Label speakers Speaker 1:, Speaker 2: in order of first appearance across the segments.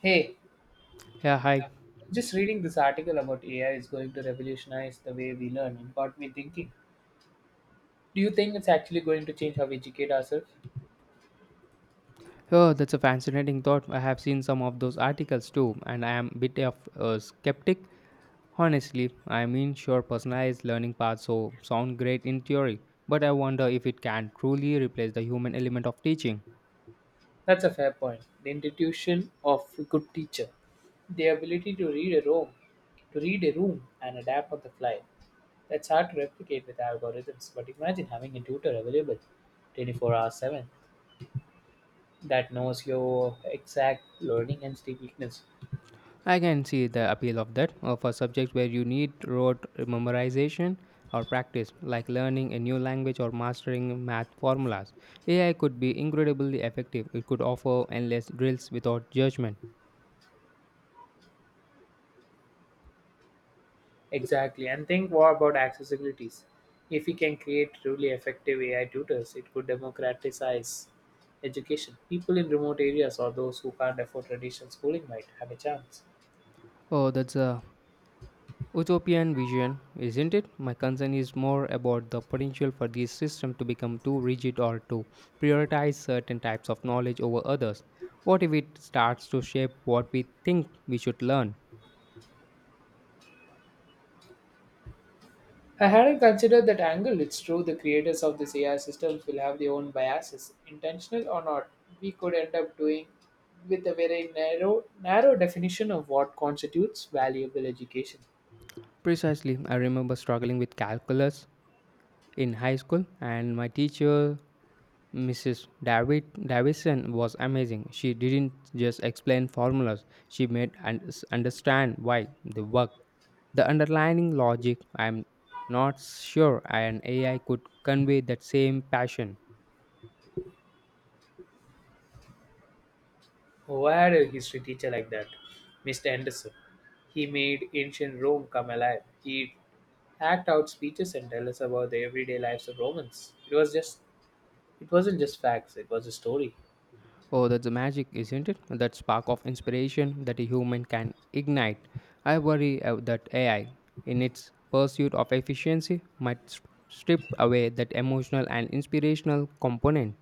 Speaker 1: Hey,
Speaker 2: Yeah, hi.
Speaker 1: just reading this article about AI is going to revolutionize the way we learn. It got me thinking. Do you think it's actually going to change how we educate ourselves?
Speaker 2: Oh, that's a fascinating thought. I have seen some of those articles too, and I am a bit of a skeptic. Honestly, I mean, sure, personalized learning paths so sound great in theory, but I wonder if it can truly replace the human element of teaching.
Speaker 1: That's a fair point. The institution of a good teacher, the ability to read a room and adapt on the fly. That's hard to replicate with algorithms, but imagine having a tutor available 24 hours 7 that knows your exact learning and sleep weakness.
Speaker 2: I can see the appeal of that for subjects where you need rote memorization or practice, like learning a new language or mastering math formulas. AI could be incredibly effective. It could offer endless drills without judgment.
Speaker 1: Exactly. And think more about accessibilities. If we can create truly effective AI tutors, it could democratize education. People in remote areas or those who can't afford traditional schooling might have a chance.
Speaker 2: Oh, that's a utopian vision, isn't it? My concern is more about the potential for this system to become too rigid or to prioritize certain types of knowledge over others. What if it starts to shape what we think we should learn?
Speaker 1: I hadn't considered that angle. It's true, the creators of these AI systems will have their own biases, intentional or not. We could end up doing with a very narrow definition of what constitutes valuable education.
Speaker 2: Precisely, I remember struggling with calculus in high school, and my teacher, Mrs. David Davison, was amazing. She didn't just explain formulas; she made us understand why they work. The underlying logic, I'm not sure an AI could convey that same passion.
Speaker 1: Who had a history teacher like that? Mr. Anderson. He made ancient Rome come alive. He hacked out speeches and tell us about the everyday lives of Romans. It was just it wasn't just facts, it was a story.
Speaker 2: Oh, that's the magic, isn't it? That spark of inspiration that a human can ignite. I worry that AI, in its pursuit of efficiency, might strip away that emotional and inspirational component.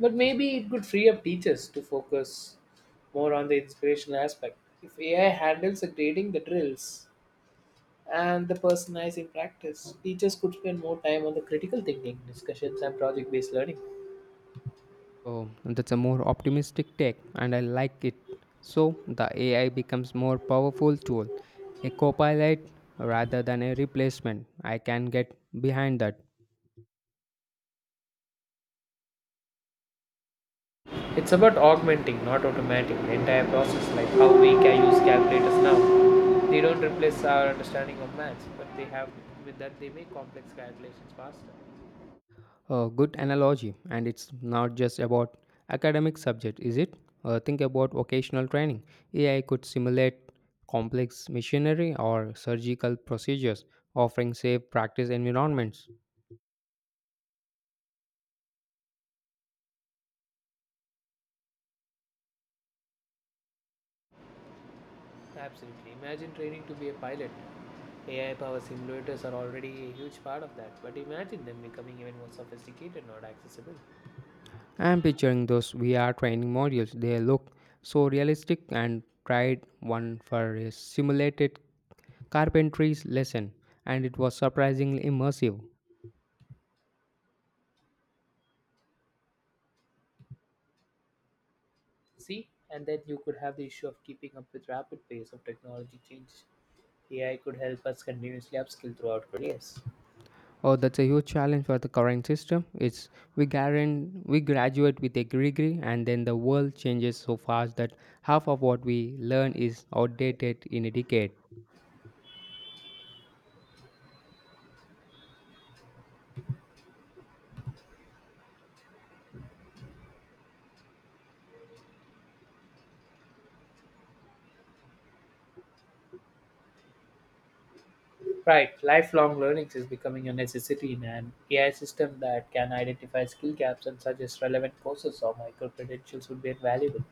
Speaker 1: But maybe it could free up teachers to focus more on the inspirational aspect. If AI handles the grading, the drills and the personalizing practice, teachers could spend more time on the critical thinking, discussions and project based learning.
Speaker 2: Oh, that's a more optimistic take, and I like it. So the AI becomes more powerful tool, a copilot rather than a replacement. I can get behind that.
Speaker 1: It's about augmenting, not automating, the entire process, like how we can use calculators now. They don't replace our understanding of maths, but they have with that they make complex calculations faster.
Speaker 2: A good analogy, and it's not just about academic subject, is it? Think about vocational training. AI could simulate complex machinery or surgical procedures, offering safe practice environments.
Speaker 1: Absolutely. Imagine training to be a pilot. AI powered simulators are already a huge part of that, but imagine them becoming even more sophisticated, not accessible.
Speaker 2: I'm picturing those VR training modules. They look so realistic and tried one for a simulated carpentry's lesson, and it was surprisingly immersive.
Speaker 1: See, and then you could have the issue of keeping up with rapid pace of technology change. AI could help us continuously upskill throughout careers.
Speaker 2: Oh, that's a huge challenge for the current system. It's we guarantee we graduate with a degree, and then the world changes so fast that half of what we learn is outdated in a decade.
Speaker 1: Right, lifelong learning is becoming a necessity, in an AI system that can identify skill gaps and suggest relevant courses or micro credentials would be invaluable.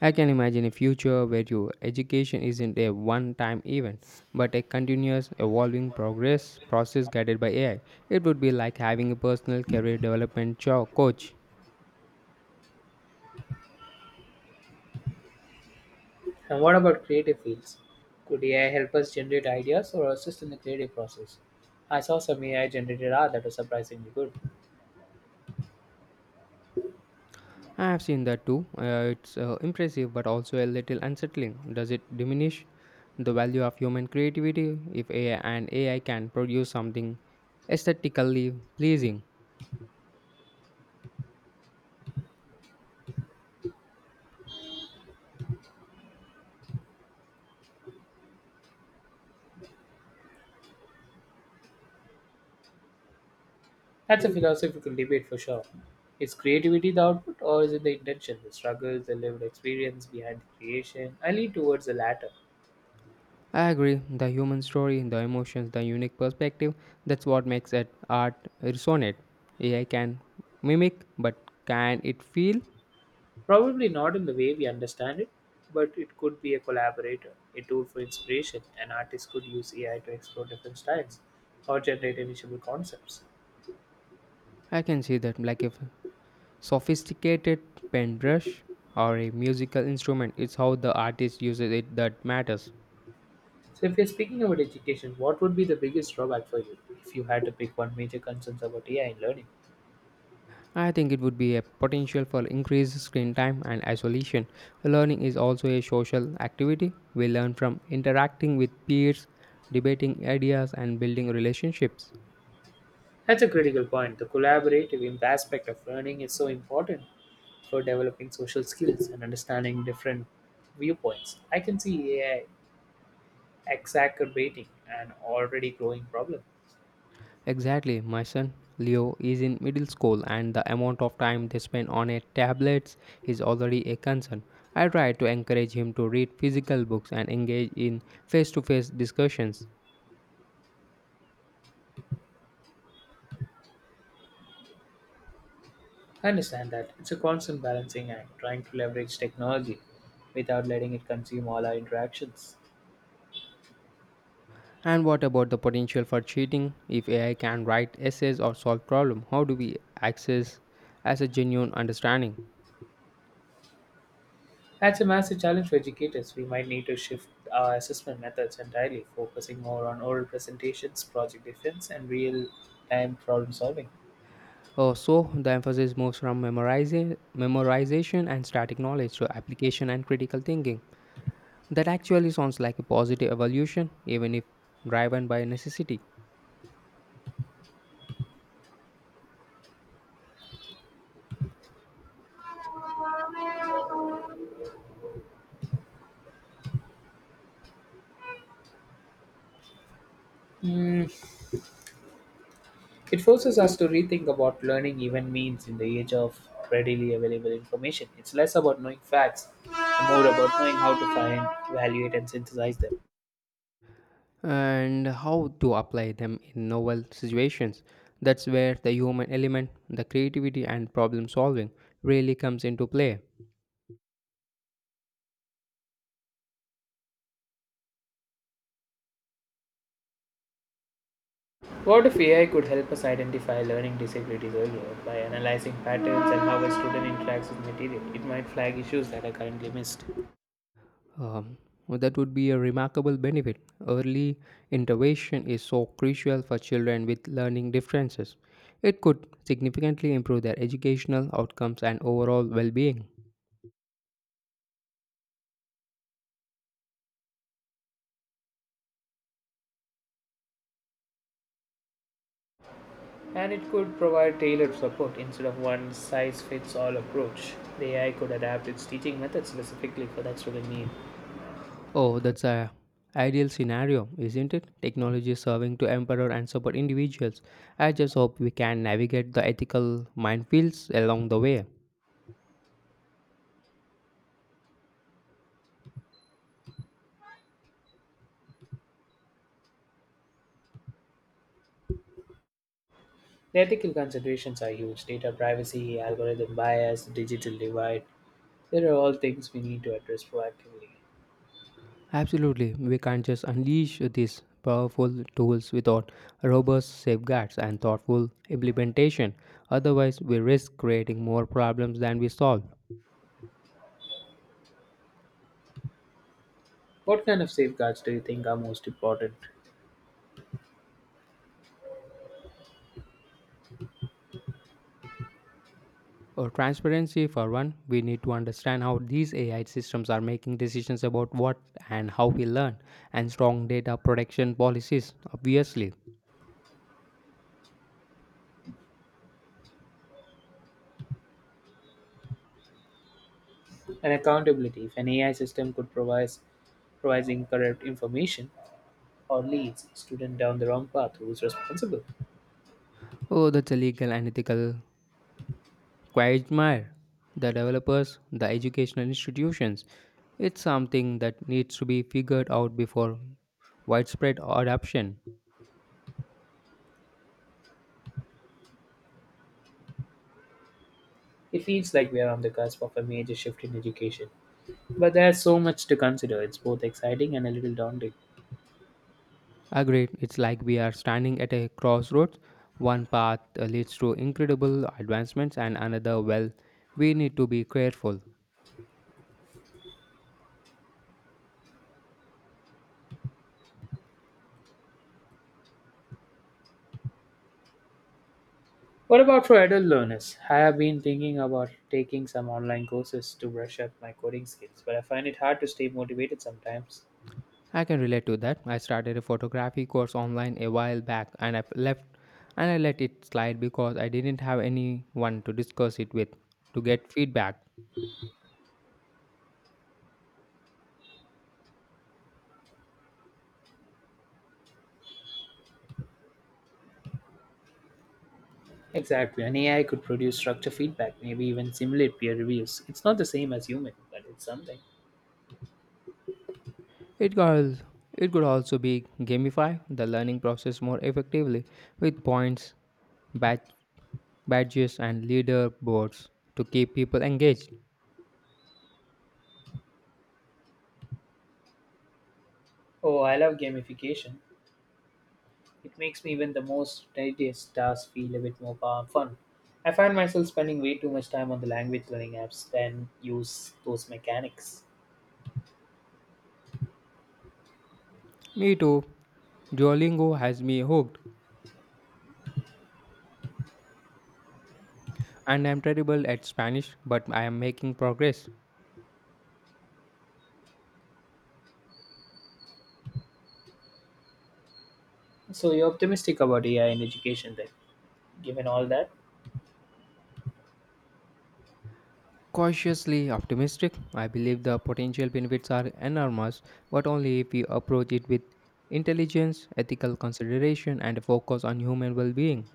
Speaker 2: I can imagine a future where your education isn't a one-time event, but a continuous, evolving progress process guided by AI. It would be like having a personal career development coach.
Speaker 1: And what about creative fields? Could AI help us generate ideas or assist in the creative process? I saw some AI generated art that was surprisingly good.
Speaker 2: I have seen that too. It's impressive but also a little unsettling. Does it diminish the value of human creativity if AI can produce something aesthetically pleasing?
Speaker 1: That's a philosophical debate for sure. Is creativity the output, or is it the intention, the struggle, the lived experience behind the creation? I lean towards the latter.
Speaker 2: I agree. The human story, the emotions, the unique perspective that's what makes it art resonate. AI can mimic, but can it feel?
Speaker 1: Probably not in the way we understand it, but it could be a collaborator, a tool for inspiration. An artist could use AI to explore different styles or generate initial concepts.
Speaker 2: I can see that like a sophisticated pen brush or a musical instrument. It's how the artist uses it that matters.
Speaker 1: So, if you're speaking about education, what would be the biggest drawback for you if you had to pick one major concern about AI in learning?
Speaker 2: I think it would be a potential for increased screen time and isolation. Learning is also a social activity. We learn from interacting with peers, debating ideas, and building relationships.
Speaker 1: That's a critical point. The collaborative aspect of learning is so important for developing social skills and understanding different viewpoints. I can see AI exacerbating an already growing problem.
Speaker 2: Exactly, my son Leo is in middle school, and the amount of time they spend on a tablets is already a concern. I try to encourage him to read physical books and engage in face to face discussions.
Speaker 1: I understand that. It's a constant balancing act, trying to leverage technology without letting it consume all our interactions.
Speaker 2: And what about the potential for cheating? If AI can write essays or solve problems, how do we access as a genuine understanding?
Speaker 1: That's a massive challenge for educators. We might need to shift our assessment methods entirely, focusing more on oral presentations, project defense, and real time problem solving.
Speaker 2: Oh, so the emphasis moves from memorization and static knowledge to application and critical thinking. That actually sounds like a positive evolution, even if driven by necessity.
Speaker 1: It forces us to rethink about learning even means in the age of readily available information. It's less about knowing facts, and more about knowing how to find, evaluate, and synthesize them.
Speaker 2: And how to apply them in novel situations? That's where the human element, the creativity, and problem solving really comes into play.
Speaker 1: What if AI could help us identify learning disabilities earlier by analyzing patterns and how a student interacts with material? It might flag issues that are currently missed.
Speaker 2: Um, well, that would be a remarkable benefit. Early intervention is so crucial for children with learning differences. It could significantly improve their educational outcomes and overall well being.
Speaker 1: And it could provide tailored support instead of one size fits all approach. The AI could adapt its teaching methods specifically for that student need.
Speaker 2: Oh, that's a ideal scenario, isn't it? Technology is serving to empower and support individuals. I just hope we can navigate the ethical minefields along the way.
Speaker 1: The ethical considerations are huge: data privacy, algorithm bias, digital divide. There are all things we need to address proactively.
Speaker 2: Absolutely, we can't just unleash these powerful tools without robust safeguards and thoughtful implementation. Otherwise, we risk creating more problems than we solve.
Speaker 1: What kind of safeguards do you think are most important?
Speaker 2: Or transparency, for one, we need to understand how these AI systems are making decisions about what and how we learn, and strong data protection policies, obviously.
Speaker 1: And accountability. If an AI system could provide Providing incorrect information or leads a student down the wrong path, who is responsible.
Speaker 2: Oh, that's a legal and ethical I admire the developers, the educational institutions. It's something that needs to be figured out before widespread adoption.
Speaker 1: It feels like we are on the cusp of a major shift in education. But there's so much to consider, it's both exciting and a little daunting.
Speaker 2: Agreed, it's like we are standing at a crossroads. One path leads to incredible advancements, and another, well, we need to be careful.
Speaker 1: What about for adult learners? I have been thinking about taking some online courses to brush up my coding skills, but I find it hard to stay motivated sometimes.
Speaker 2: I can relate to that. I started a photography course online a while back and I let it slide because I didn't have anyone to discuss it with to get feedback.
Speaker 1: Exactly, an AI could produce structure feedback, maybe even simulate peer reviews. It's not the same as human, but it's something.
Speaker 2: It could, it could also be gamify the learning process more effectively with points, badge, badges, and leaderboards to keep people engaged.
Speaker 1: Oh, I love gamification. It makes me even the most tedious tasks feel a bit more fun. I find myself spending way too much time on the language learning apps than use those mechanics.
Speaker 2: Me too. Duolingo has me hooked, and I'm terrible at Spanish, but I am making progress.
Speaker 1: So you're optimistic about AI in education then, given all that?
Speaker 2: Cautiously optimistic, I believe the potential benefits are enormous, but only if we approach it with intelligence, ethical consideration, and a focus on human well being.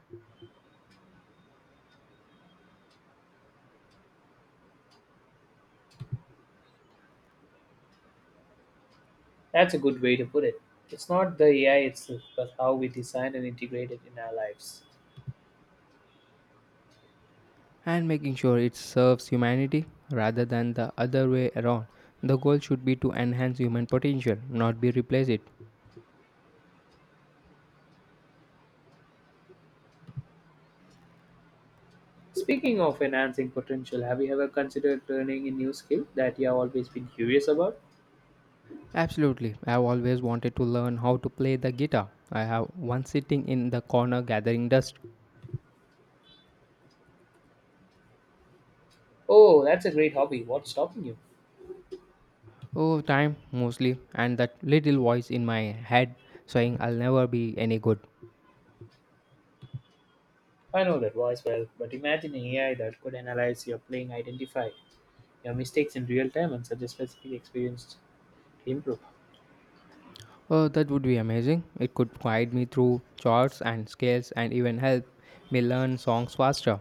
Speaker 1: That's a good way to put it. It's not the AI itself, but how we design and integrate it in our lives.
Speaker 2: And making sure it serves humanity rather than the other way around. The goal should be to enhance human potential, not be replace it.
Speaker 1: Speaking of enhancing potential, have you ever considered learning a new skill that you have always been curious about?
Speaker 2: Absolutely. I've always wanted to learn how to play the guitar. I have one sitting in the corner gathering dust.
Speaker 1: Oh, that's a great hobby. What's stopping you?
Speaker 2: Oh, time mostly, and that little voice in my head saying I'll never be any good.
Speaker 1: I know that voice well, but imagine an AI that could analyze your playing, identify your mistakes in real time, and suggest specific experience to improve.
Speaker 2: Oh, that would be amazing. It could guide me through chords and scales and even help me learn songs faster.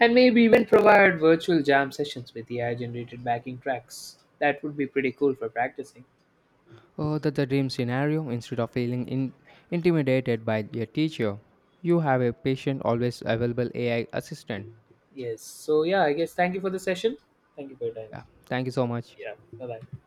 Speaker 1: And maybe even provide virtual jam sessions with AI generated backing tracks. That would be pretty cool for practicing.
Speaker 2: Oh, that's the dream scenario. Instead of feeling intimidated by your teacher, you have a patient, always available AI assistant.
Speaker 1: Yes. So, yeah, I guess thank you for the session. Thank you for your time.
Speaker 2: Yeah. Thank you so much.
Speaker 1: Yeah. Bye bye.